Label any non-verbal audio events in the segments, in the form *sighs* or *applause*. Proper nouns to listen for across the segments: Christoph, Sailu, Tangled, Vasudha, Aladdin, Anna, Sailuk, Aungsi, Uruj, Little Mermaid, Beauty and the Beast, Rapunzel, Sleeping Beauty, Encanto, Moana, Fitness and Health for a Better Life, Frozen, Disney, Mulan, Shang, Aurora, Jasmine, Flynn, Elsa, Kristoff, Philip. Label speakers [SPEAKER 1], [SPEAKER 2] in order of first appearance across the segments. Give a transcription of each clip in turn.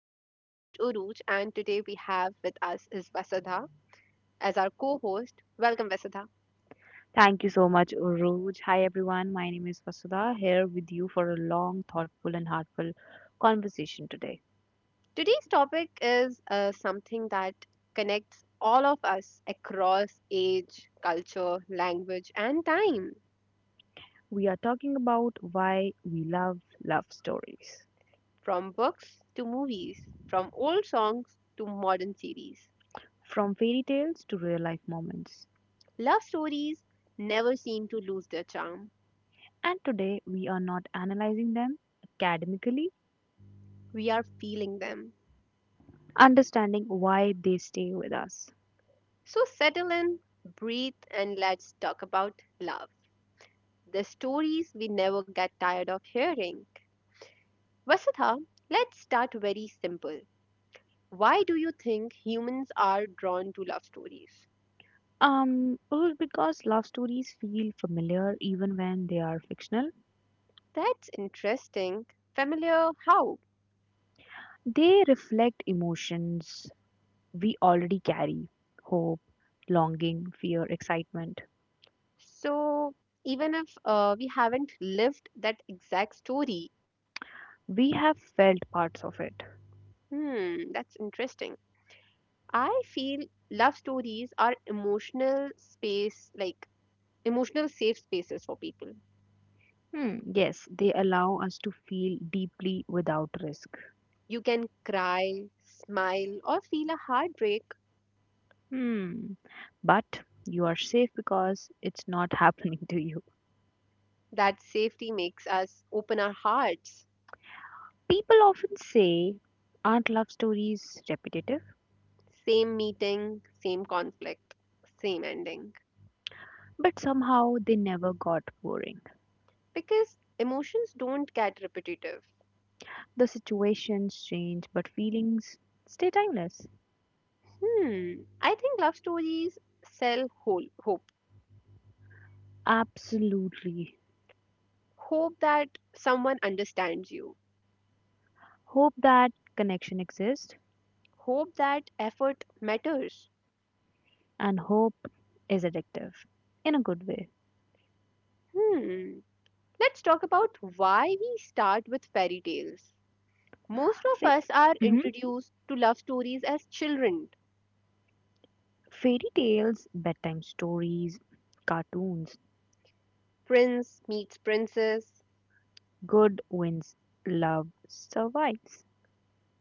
[SPEAKER 1] I'm your host, Uruj, and today we have with us is Vasudha as our co host. Welcome, Vasudha.
[SPEAKER 2] Thank you so much, Uruj. Hi, everyone. My name is Vasudha, here with you for a long, thoughtful, and heartfelt conversation today.
[SPEAKER 1] Today's topic is something that connects all of us across age, culture, language, and time
[SPEAKER 2] We are talking about why we love love stories,
[SPEAKER 1] from books to movies, from old songs to modern series.
[SPEAKER 2] from fairy tales to real life moments.
[SPEAKER 1] Love stories never seem to lose their charm.
[SPEAKER 2] And today we are not analyzing them academically,
[SPEAKER 1] We are feeling them.
[SPEAKER 2] understanding why they stay with us.
[SPEAKER 1] So settle in, breathe, and let's talk about love. The stories we never get tired of hearing. Vasudha, let's start very simple. Why do you think humans are drawn to love stories?
[SPEAKER 2] Well, because love stories feel familiar even when they are fictional,
[SPEAKER 1] That's interesting. Familiar how?
[SPEAKER 2] they reflect emotions we already carry hope, longing, fear, excitement.
[SPEAKER 1] So, even if we haven't lived that exact story.
[SPEAKER 2] We have felt parts of it.
[SPEAKER 1] Hmm, that's interesting. I feel love stories are emotional space, like emotional safe spaces for people.
[SPEAKER 2] Hmm, yes, they allow us to feel deeply without risk.
[SPEAKER 1] You can cry, smile, or feel a heartbreak.
[SPEAKER 2] Hmm, but you are safe because it's not *laughs* happening to you.
[SPEAKER 1] That safety makes us open our hearts.
[SPEAKER 2] People often say, aren't love stories repetitive?
[SPEAKER 1] Same meeting, same conflict, same ending.
[SPEAKER 2] But somehow they never got boring.
[SPEAKER 1] Because emotions don't get repetitive.
[SPEAKER 2] The situations change, but feelings stay timeless.
[SPEAKER 1] Hmm, I think love stories sell whole hope.
[SPEAKER 2] Absolutely.
[SPEAKER 1] Hope that someone understands you.
[SPEAKER 2] Hope that connection exists,
[SPEAKER 1] Hope that effort matters.
[SPEAKER 2] and hope is addictive in a good way.
[SPEAKER 1] Hmm, let's talk about why we start with fairy tales. Most of
[SPEAKER 2] Fe-
[SPEAKER 1] us are
[SPEAKER 2] Mhm.
[SPEAKER 1] introduced to love stories as children.
[SPEAKER 2] Fairy tales, bedtime stories, cartoons,
[SPEAKER 1] Prince meets princess.
[SPEAKER 2] good wins, love survives.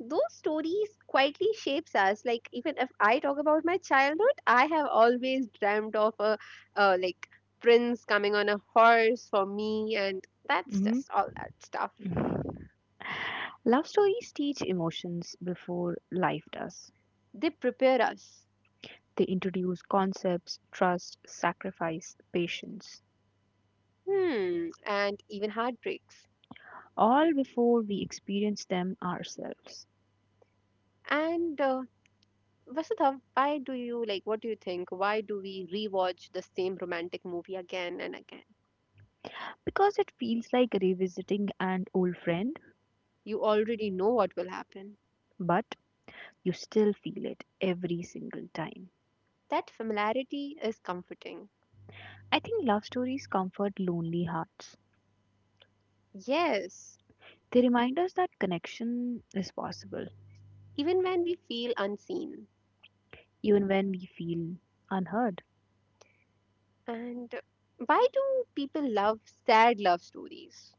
[SPEAKER 1] Those stories quietly shapes us, like even if I talk about my childhood, I have always dreamt of a like prince coming on a horse for me, and that's
[SPEAKER 2] Mhm.
[SPEAKER 1] just all that stuff.
[SPEAKER 2] Love stories teach emotions before life does.
[SPEAKER 1] They prepare us.
[SPEAKER 2] They introduce concepts, trust, sacrifice, patience,
[SPEAKER 1] Hmm, and even heartbreaks.
[SPEAKER 2] all before we experience them ourselves.
[SPEAKER 1] And Vasudha, why do you like what do you think why do we rewatch the same romantic movie again and again?
[SPEAKER 2] Because it feels like revisiting an old friend,
[SPEAKER 1] You already know what will happen.
[SPEAKER 2] but you still feel it every single time.
[SPEAKER 1] That familiarity is comforting.
[SPEAKER 2] I think love stories comfort lonely hearts.
[SPEAKER 1] Yes,
[SPEAKER 2] They remind us that connection is possible,
[SPEAKER 1] even when we feel unseen.
[SPEAKER 2] even when we feel unheard.
[SPEAKER 1] And why do people love sad love stories?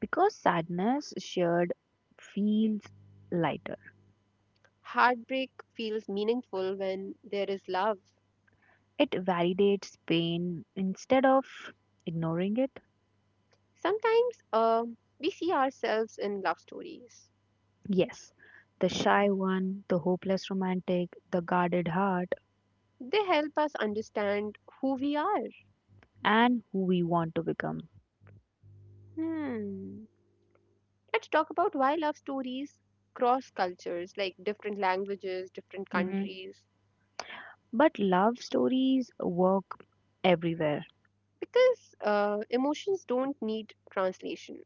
[SPEAKER 2] Because sadness shared feels lighter,
[SPEAKER 1] Heartbreak feels meaningful when there is love.
[SPEAKER 2] it validates pain instead of ignoring it.
[SPEAKER 1] Sometimes we see ourselves in love stories.
[SPEAKER 2] Yes, the shy one, the hopeless romantic, the guarded heart,
[SPEAKER 1] They help us understand who we are.
[SPEAKER 2] and who we want to become.
[SPEAKER 1] Hmm. Let's talk about why love stories cross cultures, like different languages, different
[SPEAKER 2] hmm
[SPEAKER 1] countries,
[SPEAKER 2] But love stories work everywhere.
[SPEAKER 1] because emotions don't need translation.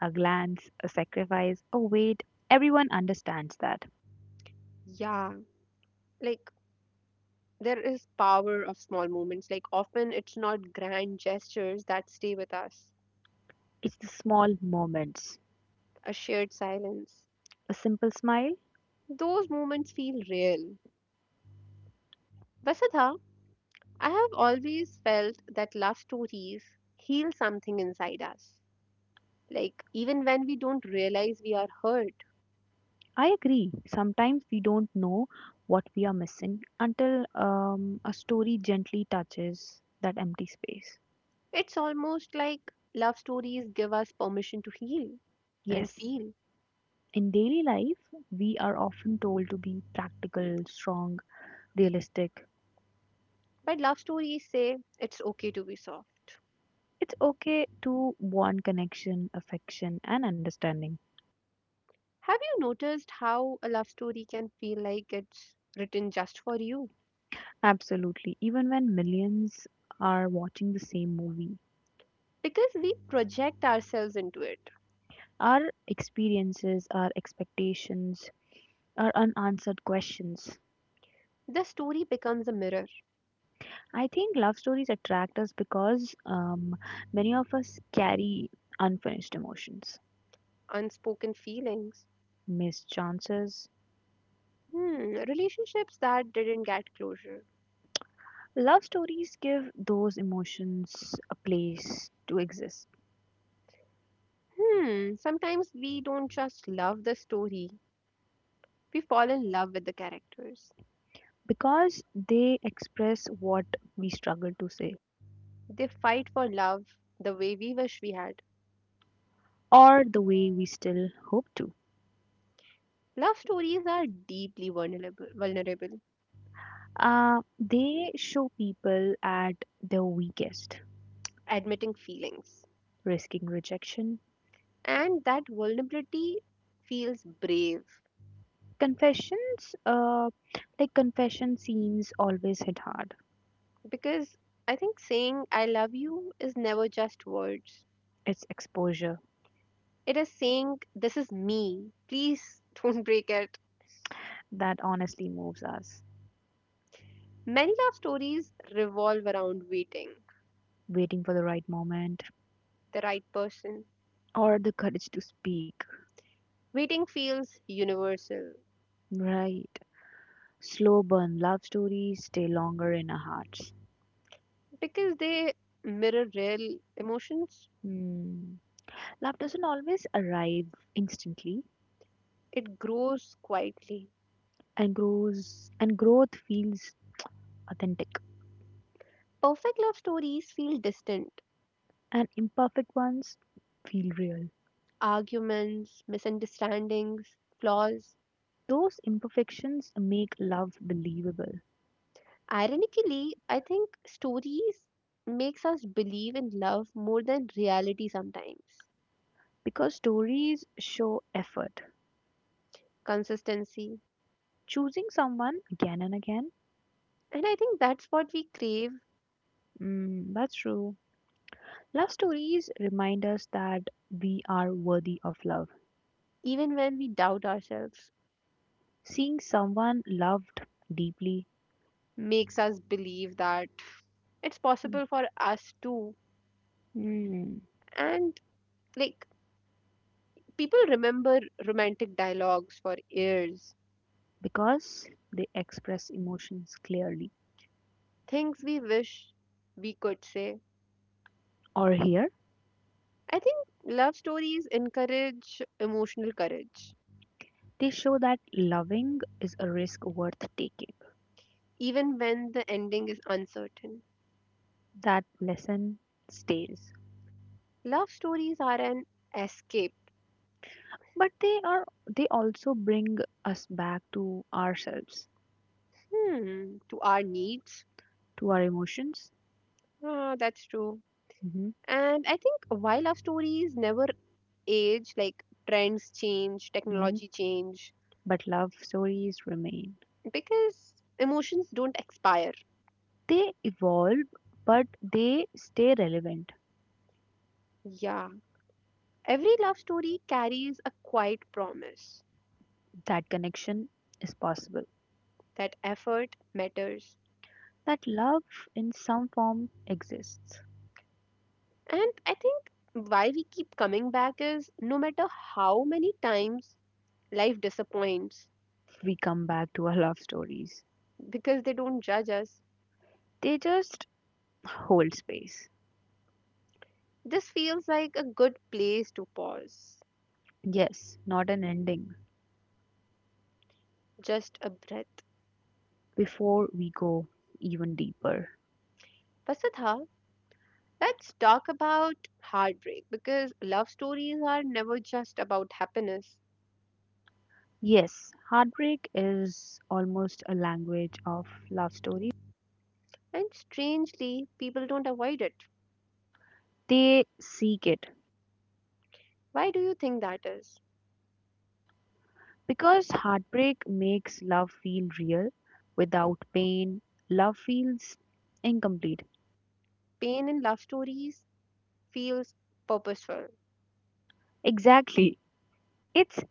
[SPEAKER 2] A glance, a sacrifice, a wait, everyone understands that.
[SPEAKER 1] Yeah, like there is power of small moments, like often it's not grand gestures that stay with us.
[SPEAKER 2] It's the small moments.
[SPEAKER 1] A shared silence.
[SPEAKER 2] A simple smile?
[SPEAKER 1] Those moments feel real. Vasudha, I have always felt that love stories heal something inside us, like even when we don't realize we are hurt.
[SPEAKER 2] I agree. Sometimes we don't know what we are missing until a story gently touches that empty space.
[SPEAKER 1] It's almost like love stories give us permission to heal and
[SPEAKER 2] Yes,
[SPEAKER 1] feel.
[SPEAKER 2] in daily life, we are often told to be practical, strong, realistic.
[SPEAKER 1] But love stories say it's okay to be soft.
[SPEAKER 2] It's okay to want connection, affection, and understanding.
[SPEAKER 1] Have you noticed how a love story can feel like it's written just for you?
[SPEAKER 2] Absolutely. Even when millions are watching the same movie,
[SPEAKER 1] Because we project ourselves into it.
[SPEAKER 2] our experiences, our expectations, our unanswered questions.
[SPEAKER 1] The story becomes a mirror,
[SPEAKER 2] I think love stories attract us because many of us carry unfinished emotions,
[SPEAKER 1] unspoken feelings.
[SPEAKER 2] missed chances.
[SPEAKER 1] Hmm, relationships that didn't get closure.
[SPEAKER 2] Love stories give those emotions a place to exist
[SPEAKER 1] Hmm, sometimes we don't just love the story, we fall in love with the characters.
[SPEAKER 2] because they express what we struggle to say,
[SPEAKER 1] They fight for love the way we wish we had.
[SPEAKER 2] or the way we still hope to.
[SPEAKER 1] Love stories are deeply vulnerable, vulnerable.
[SPEAKER 2] They show people at their weakest,
[SPEAKER 1] Admitting feelings.
[SPEAKER 2] risking rejection.
[SPEAKER 1] And that vulnerability feels brave,
[SPEAKER 2] Confessions, like confession scenes, always hit hard.
[SPEAKER 1] because I think saying I love you is never just words.
[SPEAKER 2] It's exposure
[SPEAKER 1] It is saying this is me. Please *laughs* don't break it.
[SPEAKER 2] that honestly moves us.
[SPEAKER 1] Many love stories revolve around waiting,
[SPEAKER 2] Waiting for the right moment
[SPEAKER 1] the right person.
[SPEAKER 2] or the courage to speak.
[SPEAKER 1] Waiting feels universal
[SPEAKER 2] Right. Slow burn love stories stay longer in our hearts.
[SPEAKER 1] because they mirror real emotions.
[SPEAKER 2] Hmm. Love doesn't always arrive instantly
[SPEAKER 1] It grows quietly.
[SPEAKER 2] and grows, and growth feels authentic
[SPEAKER 1] Perfect love stories feel distant.
[SPEAKER 2] and imperfect ones feel real.
[SPEAKER 1] Arguments, misunderstandings, flaws.
[SPEAKER 2] Those imperfections make love believable
[SPEAKER 1] Ironically, I think stories makes us believe in love more than reality sometimes.
[SPEAKER 2] because stories show effort.
[SPEAKER 1] Consistency.
[SPEAKER 2] Choosing someone again and again,
[SPEAKER 1] And I think that's what we crave,
[SPEAKER 2] mm, that's true. Love stories remind us that we are worthy of love.
[SPEAKER 1] even when we doubt ourselves.
[SPEAKER 2] Seeing someone loved deeply.
[SPEAKER 1] Makes us believe that it's possible for us too.
[SPEAKER 2] Hmm.
[SPEAKER 1] And like people remember romantic dialogues for years.
[SPEAKER 2] Because they express emotions clearly.
[SPEAKER 1] Things we wish we could say.
[SPEAKER 2] Or here,
[SPEAKER 1] I think love stories encourage emotional courage,
[SPEAKER 2] they show that loving is a risk worth taking.
[SPEAKER 1] even when the ending is uncertain.
[SPEAKER 2] That lesson stays.
[SPEAKER 1] Love stories are an escape.
[SPEAKER 2] But they are they also bring us back to ourselves,
[SPEAKER 1] Hmm, to our needs.
[SPEAKER 2] to our emotions.
[SPEAKER 1] Ah, that's true.
[SPEAKER 2] hmm
[SPEAKER 1] And I think why love stories never age, like trends change,
[SPEAKER 2] Mm-hmm.
[SPEAKER 1] technology change,
[SPEAKER 2] But love stories remain.
[SPEAKER 1] because emotions don't expire.
[SPEAKER 2] They evolve, but they stay relevant.
[SPEAKER 1] Yeah. Every love story carries a quiet promise
[SPEAKER 2] That connection is possible,
[SPEAKER 1] that effort matters.
[SPEAKER 2] that love in some form exists.
[SPEAKER 1] And I think why we keep coming back is no matter how many times life disappoints,
[SPEAKER 2] We come back to our love stories.
[SPEAKER 1] because they don't judge us.
[SPEAKER 2] They just hold space.
[SPEAKER 1] This feels like a good place to pause.
[SPEAKER 2] Yes, not an ending.
[SPEAKER 1] Just a breath.
[SPEAKER 2] Before we go even deeper.
[SPEAKER 1] Vasudha, let's talk about heartbreak, because love stories are never just about happiness.
[SPEAKER 2] Yes, heartbreak is almost a language of love stories.
[SPEAKER 1] And strangely, people don't avoid it.
[SPEAKER 2] They seek it
[SPEAKER 1] Why do you think that is?
[SPEAKER 2] because heartbreak makes love feel real. Without pain, love feels incomplete.
[SPEAKER 1] Pain in love stories feels purposeful.
[SPEAKER 2] Exactly. It's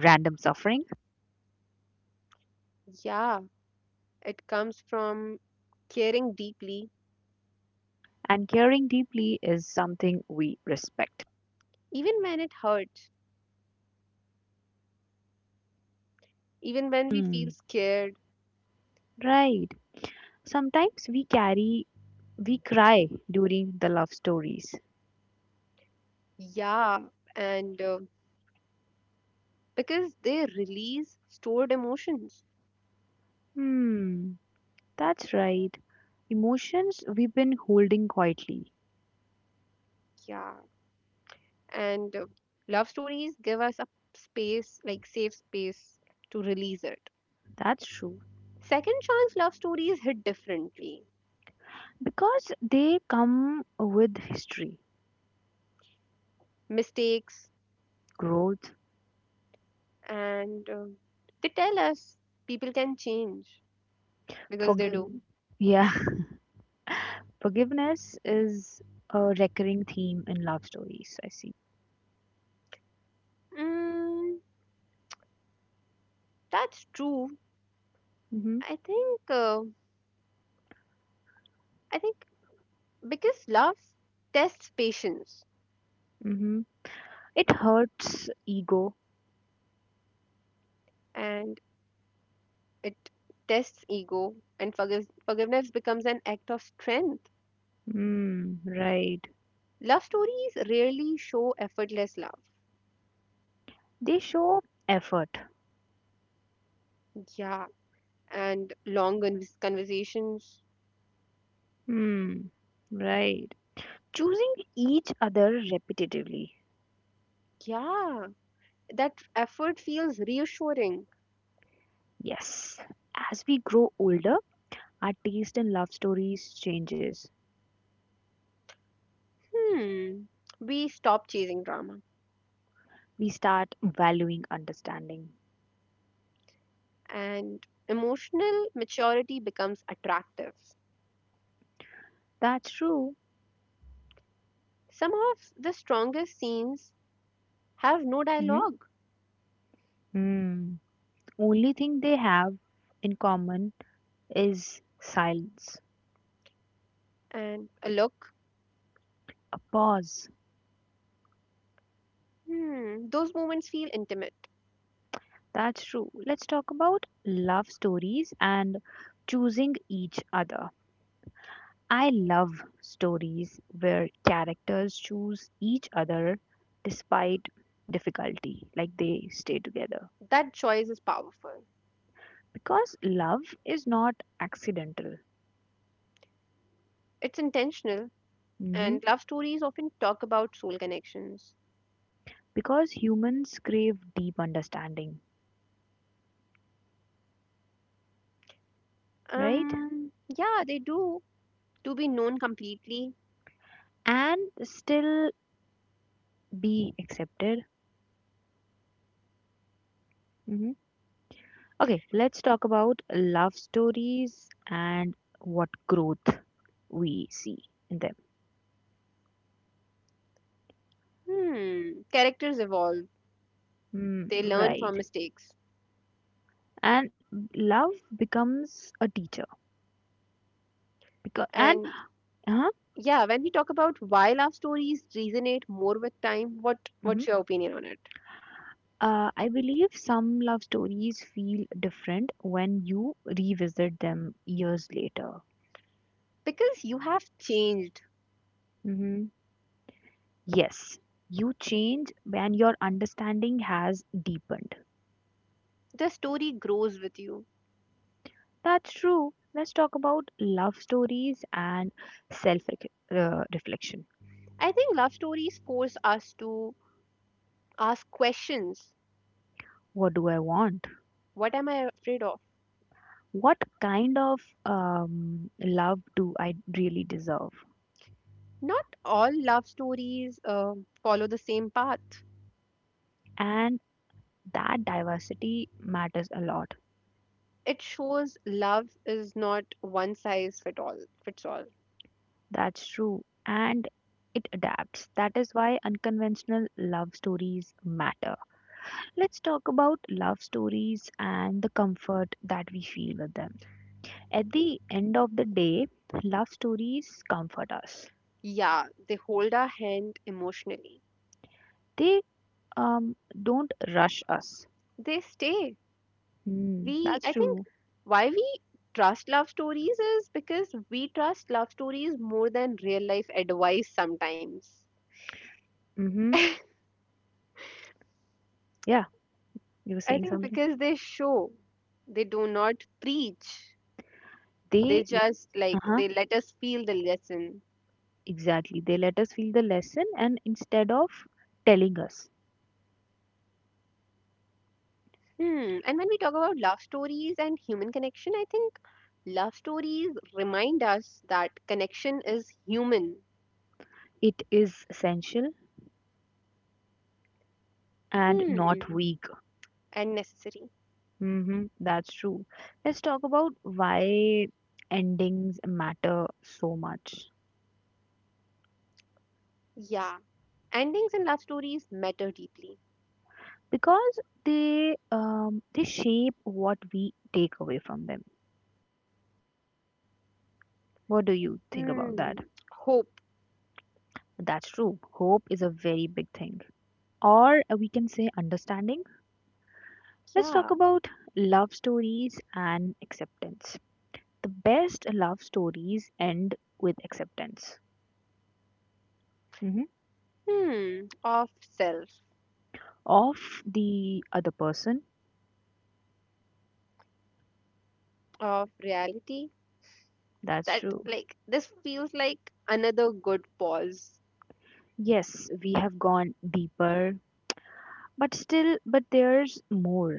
[SPEAKER 2] random suffering
[SPEAKER 1] Yeah, it comes from caring deeply,
[SPEAKER 2] and caring deeply is something we respect.
[SPEAKER 1] even when it hurts, even when we feel
[SPEAKER 2] Hmm,
[SPEAKER 1] scared.
[SPEAKER 2] right. Sometimes we carry, we cry during the love stories.
[SPEAKER 1] Yeah, and because they release stored emotions.
[SPEAKER 2] Hmm, that's right. Emotions we've been holding quietly.
[SPEAKER 1] Yeah, and love stories give us a space, like safe space to release it.
[SPEAKER 2] That's true.
[SPEAKER 1] Second chance love stories hit differently.
[SPEAKER 2] Because they come with history,
[SPEAKER 1] Mistakes,
[SPEAKER 2] growth,
[SPEAKER 1] and they tell us people can change because they do.
[SPEAKER 2] forgiveness. Yeah, *laughs* forgiveness is a recurring theme in love stories, I see.
[SPEAKER 1] Mm, that's true.
[SPEAKER 2] Mm-hmm,
[SPEAKER 1] I think uh, I think because love tests patience,
[SPEAKER 2] mm-hmm. It hurts ego.
[SPEAKER 1] and it tests ego and forgiveness becomes an act of strength.
[SPEAKER 2] Mm, right.
[SPEAKER 1] Love stories rarely show effortless love.
[SPEAKER 2] They show effort.
[SPEAKER 1] Yeah, and conversations.
[SPEAKER 2] Hmm. Right. Choosing each other repetitively.
[SPEAKER 1] Yeah, that effort feels reassuring.
[SPEAKER 2] Yes. As we grow older, our taste in love stories changes.
[SPEAKER 1] Hmm. We stop chasing drama,
[SPEAKER 2] We start valuing understanding.
[SPEAKER 1] and emotional maturity becomes attractive.
[SPEAKER 2] That's true.
[SPEAKER 1] Some of the strongest scenes have no
[SPEAKER 2] Hmm.
[SPEAKER 1] dialogue
[SPEAKER 2] hmm Only thing they have in common is silence,
[SPEAKER 1] and a look.
[SPEAKER 2] a pause.
[SPEAKER 1] Hmm. Those moments feel intimate.
[SPEAKER 2] That's true. Let's talk about love stories and choosing each other. I love stories where characters choose each other despite difficulty, like they stay together.
[SPEAKER 1] That choice is powerful.
[SPEAKER 2] Because love is not accidental,
[SPEAKER 1] It's intentional,
[SPEAKER 2] hmm
[SPEAKER 1] and love stories often talk about soul connections.
[SPEAKER 2] because humans crave deep understanding, right?
[SPEAKER 1] Um. Yeah, they do, to be known completely.
[SPEAKER 2] And still be accepted. hmm Okay, let's talk about love stories and what growth we see in them.
[SPEAKER 1] Hmm. Characters evolve,
[SPEAKER 2] Hmm,
[SPEAKER 1] they learn
[SPEAKER 2] right.
[SPEAKER 1] from mistakes.
[SPEAKER 2] And love becomes a teacher because and
[SPEAKER 1] And
[SPEAKER 2] Uh-huh.
[SPEAKER 1] yeah, when we talk about why love stories resonate more with time, what's
[SPEAKER 2] hmm
[SPEAKER 1] your opinion on it?
[SPEAKER 2] I believe some love stories feel different when you revisit them years later.
[SPEAKER 1] Because you have changed.
[SPEAKER 2] hmm Yes, you change when your understanding has deepened.
[SPEAKER 1] The story grows with you.
[SPEAKER 2] That's true. Let's talk about love stories and self reflection.
[SPEAKER 1] I think love stories force us to ask questions.
[SPEAKER 2] What do I want?
[SPEAKER 1] What am I afraid of?
[SPEAKER 2] What kind of love do I really deserve?
[SPEAKER 1] Not all love stories follow the same path.
[SPEAKER 2] And that diversity matters a lot.
[SPEAKER 1] It shows love is not one size fit all fits all.
[SPEAKER 2] That's true. And it adapts. That is why unconventional love stories matter. Let's talk about love stories and the comfort that we feel with them. At the end of the day, love stories comfort us.
[SPEAKER 1] Yeah, they hold our hand emotionally.
[SPEAKER 2] They um don't rush us.
[SPEAKER 1] They stay.
[SPEAKER 2] Hmm,
[SPEAKER 1] We,
[SPEAKER 2] that's
[SPEAKER 1] I think,
[SPEAKER 2] true.
[SPEAKER 1] why we trust love stories is because we trust love stories more than real life advice sometimes.
[SPEAKER 2] Mm-hmm. Yeah, you were
[SPEAKER 1] I
[SPEAKER 2] saying
[SPEAKER 1] think
[SPEAKER 2] something.
[SPEAKER 1] because they show, They do not preach. They
[SPEAKER 2] They,
[SPEAKER 1] just like,
[SPEAKER 2] uh-huh,
[SPEAKER 1] they let us feel the lesson.
[SPEAKER 2] exactly. They let us feel the lesson and instead of telling us,
[SPEAKER 1] Hmm. And when we talk about love stories and human connection, I think love stories remind us that connection is human.
[SPEAKER 2] it is essential and not
[SPEAKER 1] Hmm.
[SPEAKER 2] weak.
[SPEAKER 1] And necessary.
[SPEAKER 2] That's true. Let's talk about why endings matter so much.
[SPEAKER 1] Yeah. Endings in love stories matter deeply.
[SPEAKER 2] Because they shape what we take away from them. What do you think
[SPEAKER 1] Hmm.
[SPEAKER 2] about that?
[SPEAKER 1] Hope.
[SPEAKER 2] That's true. Hope is a very big thing. Or we can say understanding. Let's
[SPEAKER 1] Yeah.
[SPEAKER 2] talk about love stories and acceptance. The best love stories end with acceptance. hmm
[SPEAKER 1] Hmm. Of self,
[SPEAKER 2] of the other person.
[SPEAKER 1] of reality.
[SPEAKER 2] That's
[SPEAKER 1] That,
[SPEAKER 2] true.
[SPEAKER 1] like, this feels like another good pause.
[SPEAKER 2] Yes, we have gone deeper, but still, but there's more,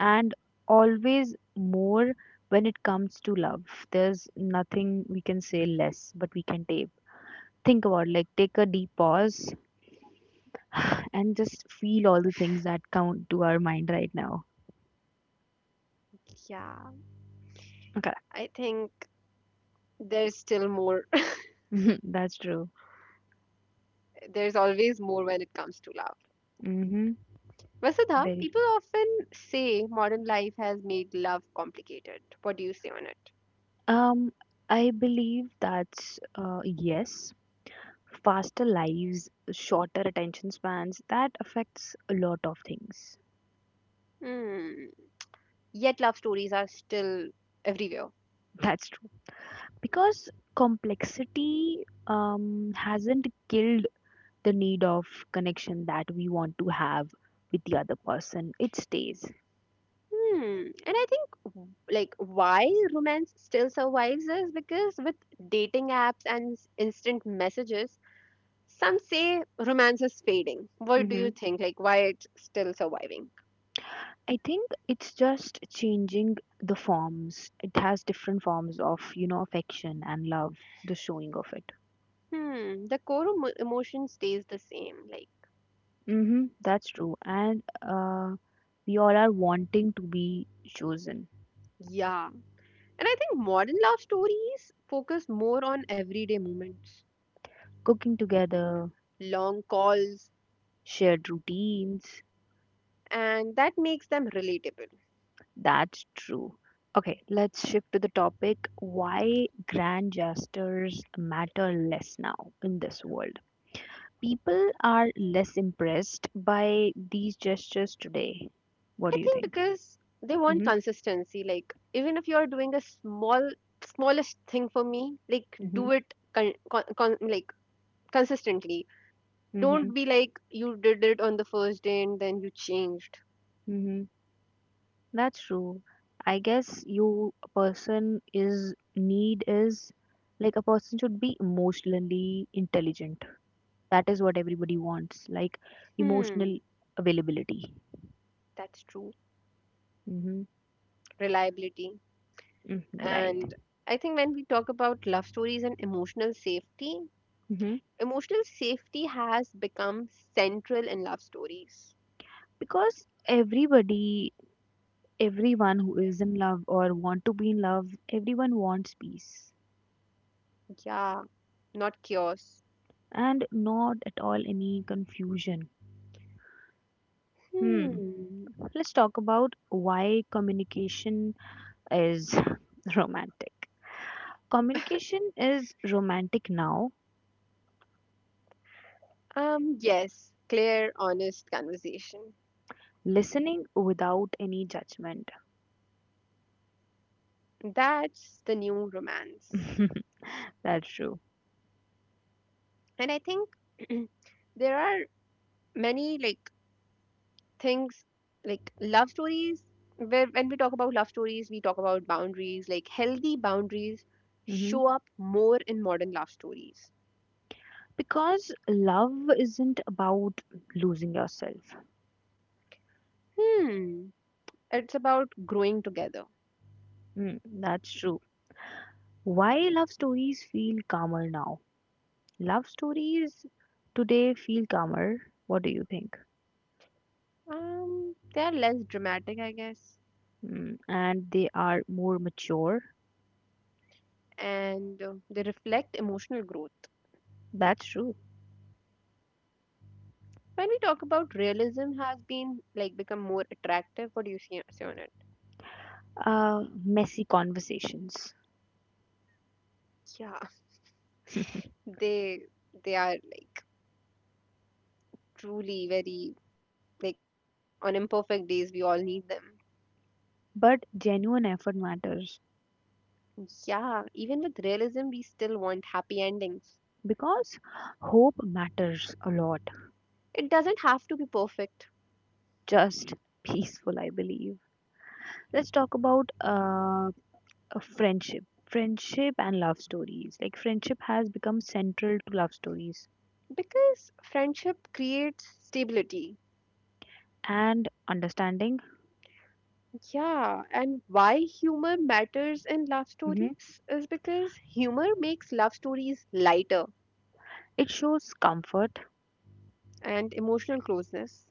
[SPEAKER 2] and always more when it comes to love. There's nothing we can say less, but we can take. Think about like take a deep pause and just feel all the things that come to our mind right now.
[SPEAKER 1] Yeah.
[SPEAKER 2] Okay,
[SPEAKER 1] I think there's still more. *laughs*
[SPEAKER 2] *laughs* that's true.
[SPEAKER 1] There's always more when it comes to love.
[SPEAKER 2] Mm-hmm.
[SPEAKER 1] Vasudha,
[SPEAKER 2] Very
[SPEAKER 1] people often say modern life has made love complicated. What do you say on it?
[SPEAKER 2] true. I believe that's yes. Faster lives, shorter attention spans, that affects a lot of things.
[SPEAKER 1] Hmm. Yet love stories are still everywhere.
[SPEAKER 2] That's true. Because complexity hasn't killed the need of connection that we want to have with the other person. It stays.
[SPEAKER 1] Hmm. And I think like why romance still survives is because with dating apps and instant messages, some say romance is fading. What do
[SPEAKER 2] Mm-hmm.
[SPEAKER 1] you think? Like why it's still surviving?
[SPEAKER 2] I think it's just changing the forms. It has different forms of, you know, affection and love, the showing of it.
[SPEAKER 1] Hmm. The core emotion stays the same. Like
[SPEAKER 2] Mm-hmm. That's true. And we all are wanting to be chosen.
[SPEAKER 1] yeah. And I think modern love stories focus more on everyday moments,
[SPEAKER 2] Cooking together,
[SPEAKER 1] long calls,
[SPEAKER 2] shared routines,
[SPEAKER 1] and that makes them relatable.
[SPEAKER 2] that's true. Okay, let's shift to the topic why grand gestures matter less now in this world. People are less impressed by these gestures today. What
[SPEAKER 1] I
[SPEAKER 2] do you
[SPEAKER 1] think
[SPEAKER 2] think?
[SPEAKER 1] because they want
[SPEAKER 2] Mhm.
[SPEAKER 1] consistency. Like even if you are doing a small, smallest thing for me, like
[SPEAKER 2] Mhm.
[SPEAKER 1] do it like consistently.
[SPEAKER 2] Mhm.
[SPEAKER 1] Don't be like you did it on the first day and then you changed.
[SPEAKER 2] Mhm. That's true. I guess you a person is need is like a person should be emotionally intelligent. That is what everybody wants, like
[SPEAKER 1] Hmm,
[SPEAKER 2] emotional availability.
[SPEAKER 1] that's true.
[SPEAKER 2] Mm-hmm.
[SPEAKER 1] Reliability,
[SPEAKER 2] Right.
[SPEAKER 1] and I think when we talk about love stories and
[SPEAKER 2] hmm
[SPEAKER 1] emotional safety has become central in love stories.
[SPEAKER 2] because everybody everyone who is in love or want to be in love everyone wants peace
[SPEAKER 1] Yeah, not chaos.
[SPEAKER 2] and not at all any confusion. hmm
[SPEAKER 1] Hmm.
[SPEAKER 2] let's talk about why communication is *laughs* romantic communication is romantic now,
[SPEAKER 1] Yes, clear, honest conversation.
[SPEAKER 2] listening without any judgment.
[SPEAKER 1] That's the new romance.
[SPEAKER 2] *laughs* That's true.
[SPEAKER 1] And I think *clears throat* there are many, like, things like love stories, where when we talk about love stories, we talk about boundaries, like healthy boundaries
[SPEAKER 2] hmm
[SPEAKER 1] show up more in modern love stories.
[SPEAKER 2] because love isn't about losing yourself.
[SPEAKER 1] Hmm. It's about growing together.
[SPEAKER 2] Hmm, that's true. Why love stories feel calmer now? Love stories today feel calmer. What do you think?
[SPEAKER 1] They are less dramatic, I guess,
[SPEAKER 2] Mm, and they are more mature.
[SPEAKER 1] and they reflect emotional growth.
[SPEAKER 2] That's true.
[SPEAKER 1] When we talk about realism has been like become more attractive, what do you see on it?
[SPEAKER 2] Messy conversations.
[SPEAKER 1] Yeah,
[SPEAKER 2] *laughs*
[SPEAKER 1] they they are like truly very like on imperfect days we all need them.
[SPEAKER 2] But genuine effort matters
[SPEAKER 1] Yeah, even with realism we still want happy endings.
[SPEAKER 2] because hope matters a lot.
[SPEAKER 1] It doesn't have to be perfect
[SPEAKER 2] Just peaceful, I believe. Let's talk about a friendship. Friendship and love stories. Like, friendship has become central to love stories
[SPEAKER 1] because friendship creates stability.
[SPEAKER 2] and understanding.
[SPEAKER 1] Yeah, and why humor matters in love
[SPEAKER 2] Mhm.
[SPEAKER 1] stories is because humor makes love stories lighter
[SPEAKER 2] It shows comfort.
[SPEAKER 1] and emotional closeness.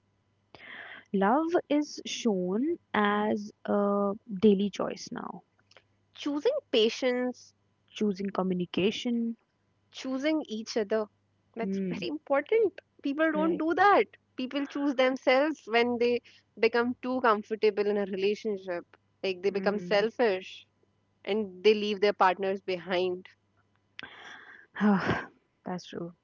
[SPEAKER 2] Love is shown as a daily choice now.
[SPEAKER 1] Choosing patience,
[SPEAKER 2] Choosing communication.
[SPEAKER 1] choosing each other. That's
[SPEAKER 2] Hmm.
[SPEAKER 1] very important. People don't
[SPEAKER 2] Right.
[SPEAKER 1] do that. People choose themselves when they become too comfortable in a relationship. Like they become
[SPEAKER 2] Hmm.
[SPEAKER 1] selfish and they leave their partners behind.
[SPEAKER 2] *sighs* That's true.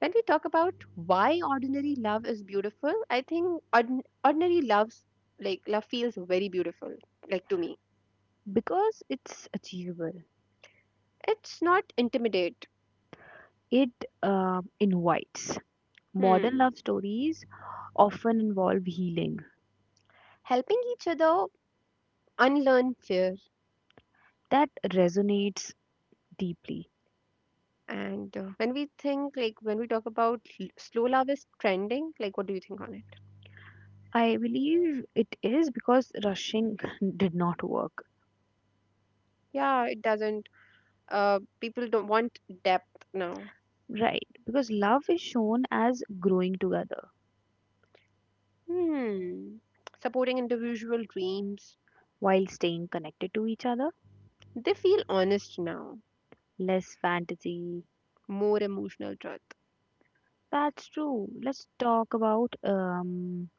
[SPEAKER 1] When we talk about why ordinary love is beautiful, I think ordin ordinary love's like love feels very beautiful, like to me.
[SPEAKER 2] Because it's achievable.
[SPEAKER 1] It's not intimidate.
[SPEAKER 2] It invites. Modern
[SPEAKER 1] Hmm.
[SPEAKER 2] love stories often involve healing.
[SPEAKER 1] Helping each other unlearn fear.
[SPEAKER 2] That resonates deeply.
[SPEAKER 1] And when we think, like when we talk about slow love is trending, like what do you think on it?
[SPEAKER 2] I believe it is because rushing *laughs* did not work.
[SPEAKER 1] Yeah, it doesn't. People don't want depth now.
[SPEAKER 2] Right. Because love is shown as growing together
[SPEAKER 1] Hmm. Supporting individual dreams,
[SPEAKER 2] while staying connected to each other.
[SPEAKER 1] they feel honest now.
[SPEAKER 2] Less fantasy.
[SPEAKER 1] More emotional truth.
[SPEAKER 2] That's true. Let's talk about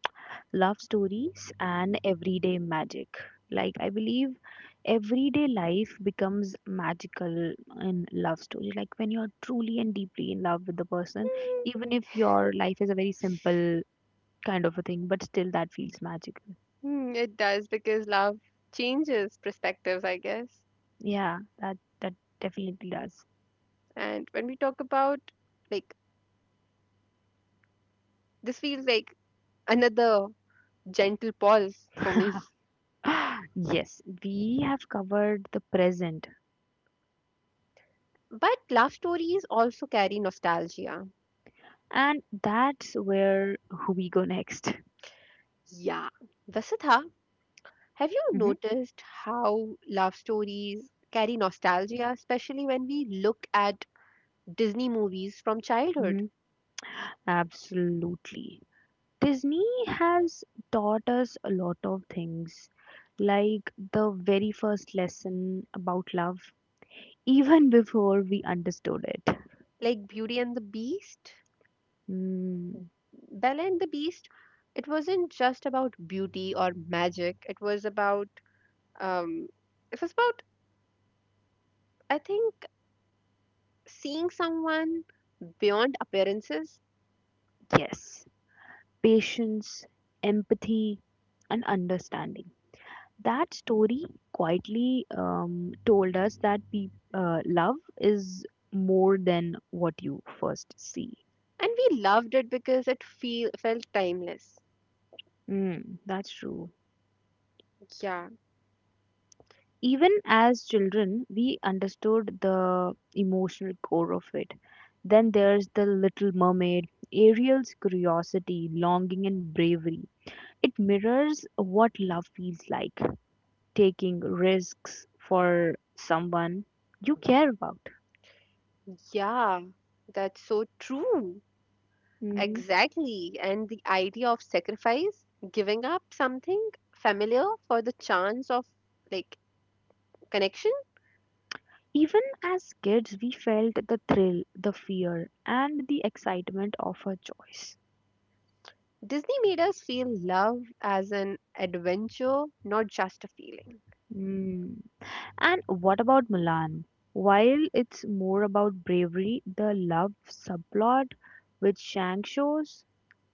[SPEAKER 2] love stories and everyday magic. Like, I believe everyday life becomes magical in love story. Like, when you're truly and deeply in love with the person, even if your life is a very simple kind of a thing, but still that feels magical.
[SPEAKER 1] Hmm, it does because love changes perspectives, I guess.
[SPEAKER 2] Yeah, that definitely does.
[SPEAKER 1] And when we talk about like this feels like another gentle pause for
[SPEAKER 2] *laughs*
[SPEAKER 1] me. *laughs*
[SPEAKER 2] Yes, we have covered the present
[SPEAKER 1] But love stories also carry nostalgia.
[SPEAKER 2] and that's where we go next.
[SPEAKER 1] Yeah. Vasudha, have you
[SPEAKER 2] hmm
[SPEAKER 1] noticed how love stories carry nostalgia, especially when we look at Disney movies from childhood,
[SPEAKER 2] hmm Absolutely. Disney has taught us a lot of things, like the very first lesson about love, even before we understood it.
[SPEAKER 1] like Beauty and the Beast?
[SPEAKER 2] Mm,
[SPEAKER 1] Bella and the Beast, it wasn't just about beauty or magic. Um, it was about, I think, seeing someone beyond appearances.
[SPEAKER 2] yes, patience, empathy, and understanding. That story quietly told us that love is more than what you first see.
[SPEAKER 1] And we loved it because it felt timeless.
[SPEAKER 2] Mm, that's true.
[SPEAKER 1] Yeah.
[SPEAKER 2] Even as children, we understood the emotional core of it. Then there's the Little Mermaid, Ariel's curiosity, longing, and bravery. It mirrors what love feels like, taking risks for someone you care about.
[SPEAKER 1] Yeah. That's so true.
[SPEAKER 2] Mhm.
[SPEAKER 1] Exactly. And the idea of sacrifice, giving up something familiar for the chance of like connection.
[SPEAKER 2] Even as kids, we felt the thrill, the fear, and the excitement of a choice.
[SPEAKER 1] Disney made us feel love as an adventure, not just a feeling.
[SPEAKER 2] Mm. And what about Mulan? While it's more about bravery, the love subplot which Shang shows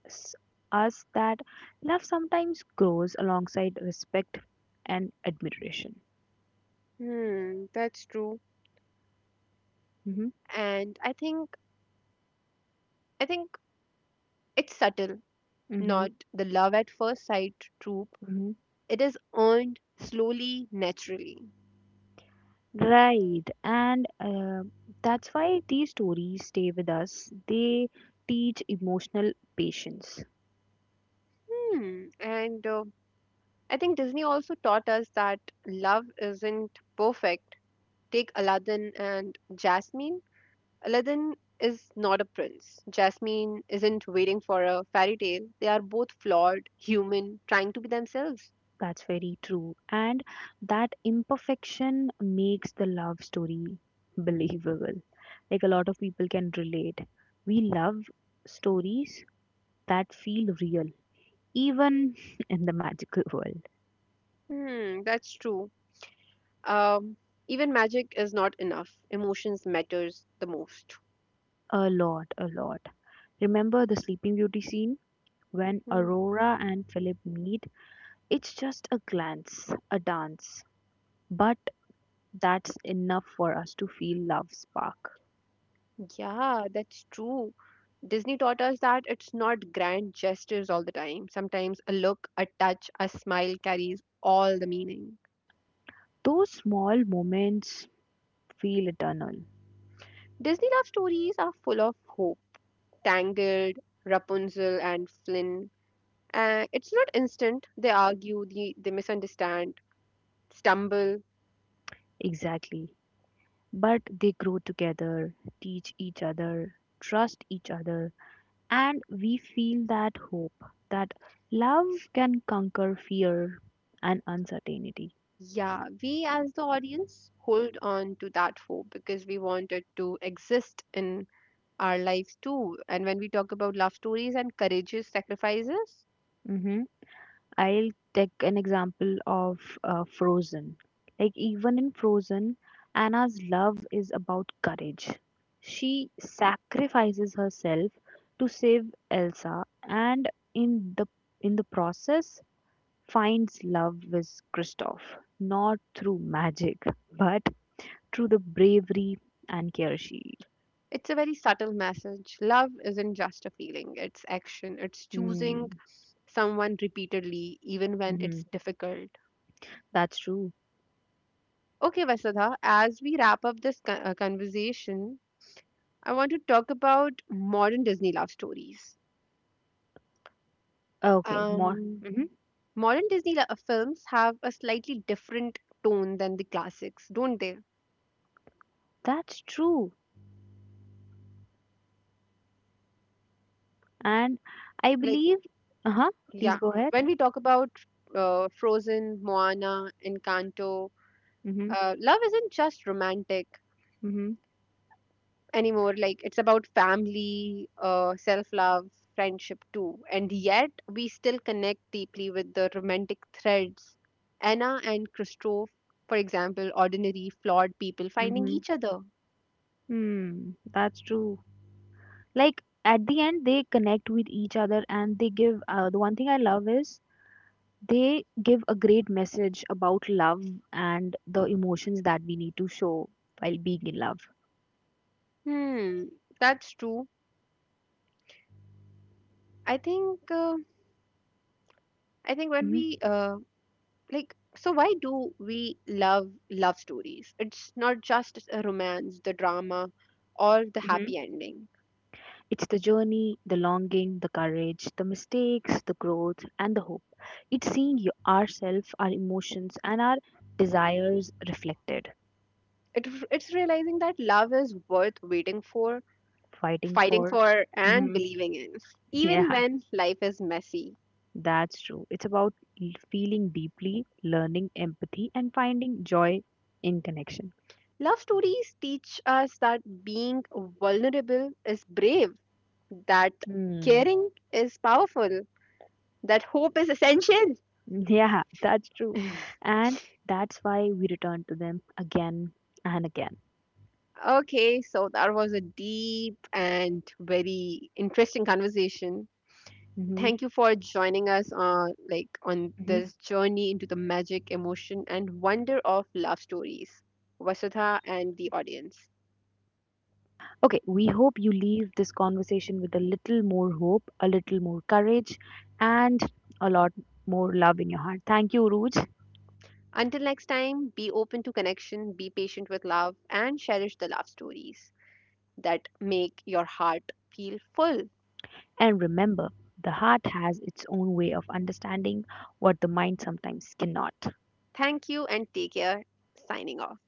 [SPEAKER 2] s- us that love sometimes grows alongside respect and admiration.
[SPEAKER 1] Hmm, that's true.
[SPEAKER 2] hmm
[SPEAKER 1] And I think it's subtle,
[SPEAKER 2] hmm
[SPEAKER 1] not the love at first sight trope.
[SPEAKER 2] hmm
[SPEAKER 1] It is earned slowly, naturally.
[SPEAKER 2] Right, and that's why these stories stay with us. They teach emotional patience.
[SPEAKER 1] Hmm, and I think Disney also taught us that love isn't perfect. Take Aladdin and Jasmine. Aladdin is not a prince. Jasmine isn't waiting for a fairy tale. They are both flawed, human, trying to be themselves.
[SPEAKER 2] That's very true. And that imperfection makes the love story believable. Like a lot of people can relate. We love stories that feel real, even *laughs* in the magical world.
[SPEAKER 1] Hmm, that's true. Um, even magic is not enough. Emotions matters the most.
[SPEAKER 2] A lot, a lot. Remember the Sleeping Beauty scene when
[SPEAKER 1] Hmm.
[SPEAKER 2] Aurora and Philip meet? It's just a glance, a dance, but that's enough for us to feel love spark.
[SPEAKER 1] Yeah, that's true. Disney taught us that it's not grand gestures all the time. Sometimes a look, a touch, a smile carries all the meaning.
[SPEAKER 2] Those small moments feel eternal.
[SPEAKER 1] Disney love stories are full of hope. Tangled, Rapunzel, and Flynn. It's not instant. They argue, they misunderstand, stumble.
[SPEAKER 2] Exactly. But they grow together, teach each other, trust each other, and we feel that hope that love can conquer fear and uncertainty.
[SPEAKER 1] Yeah, we as the audience hold on to that hope because we want it to exist in our lives too. And when we talk about love stories and courageous sacrifices,
[SPEAKER 2] hmm I'll take an example of Frozen. Like, even in Frozen, Anna's love is about courage. She sacrifices herself to save Elsa, and in the process, finds love with Kristoff, not through magic, but through the bravery and care she.
[SPEAKER 1] it's a very subtle message. Love isn't just a feeling, it's action, it's choosing
[SPEAKER 2] Mm,
[SPEAKER 1] someone repeatedly, even when
[SPEAKER 2] hmm
[SPEAKER 1] it's difficult.
[SPEAKER 2] that's true.
[SPEAKER 1] Okay, Vasudha, as we wrap up this conversation, I want to talk about modern Disney love stories.
[SPEAKER 2] Okay, more.
[SPEAKER 1] Um, modern Disney films have a slightly different tone than the classics, don't they?
[SPEAKER 2] That's true. And I
[SPEAKER 1] Like,
[SPEAKER 2] believe. Uh huh. Please
[SPEAKER 1] yeah,
[SPEAKER 2] go ahead.
[SPEAKER 1] when we talk about Frozen, Moana, Encanto,
[SPEAKER 2] Mm-hmm.
[SPEAKER 1] love isn't just romantic
[SPEAKER 2] Mm-hmm.
[SPEAKER 1] anymore, like it's about family, self-love, friendship too, and yet we still connect deeply with the romantic threads. Anna and Christoph, for example, ordinary flawed people finding
[SPEAKER 2] Mm-hmm.
[SPEAKER 1] each other.
[SPEAKER 2] Hmm. That's true. Like at the end, they connect with each other, and they give. The one thing I love is they give a great message about love and the emotions that we need to show while being in love.
[SPEAKER 1] Hmm, that's true. I think uh, i think when
[SPEAKER 2] Mhm.
[SPEAKER 1] we like so why do we love love stories? It's not just a romance, the drama or the
[SPEAKER 2] hmm
[SPEAKER 1] happy ending.
[SPEAKER 2] It's the journey, the longing, the courage, the mistakes, the growth, and the hope. It's seeing ourselves, our emotions, and our desires reflected.
[SPEAKER 1] It's realizing that love is worth waiting for,
[SPEAKER 2] Fighting
[SPEAKER 1] fighting
[SPEAKER 2] for.
[SPEAKER 1] for, and
[SPEAKER 2] Mhm.
[SPEAKER 1] believing in,
[SPEAKER 2] *laughs*
[SPEAKER 1] even
[SPEAKER 2] Yeah,
[SPEAKER 1] when life is messy.
[SPEAKER 2] that's true. It's about feeling deeply, learning empathy, and finding joy in connection.
[SPEAKER 1] Love stories teach us that being vulnerable is brave, that
[SPEAKER 2] Hmm.
[SPEAKER 1] caring is powerful, that hope is essential.
[SPEAKER 2] Yeah, *laughs* that's true.
[SPEAKER 1] *laughs*
[SPEAKER 2] And that's why we return to them again and again.
[SPEAKER 1] Okay, so that was a deep and very interesting conversation.
[SPEAKER 2] hmm
[SPEAKER 1] Thank you for joining us on like on
[SPEAKER 2] hmm
[SPEAKER 1] this journey into the magic, emotion, and wonder of love stories, Vasudha and the audience.
[SPEAKER 2] Okay, we hope you leave this conversation with a little more hope, a little more courage, and a lot more love in your heart. Thank you, Ruj,
[SPEAKER 1] Until next time, be open to connection, be patient with love, and cherish the love stories that make your heart feel full.
[SPEAKER 2] and remember, the heart has its own way of understanding what the mind sometimes cannot.
[SPEAKER 1] Thank you and take care. Signing off.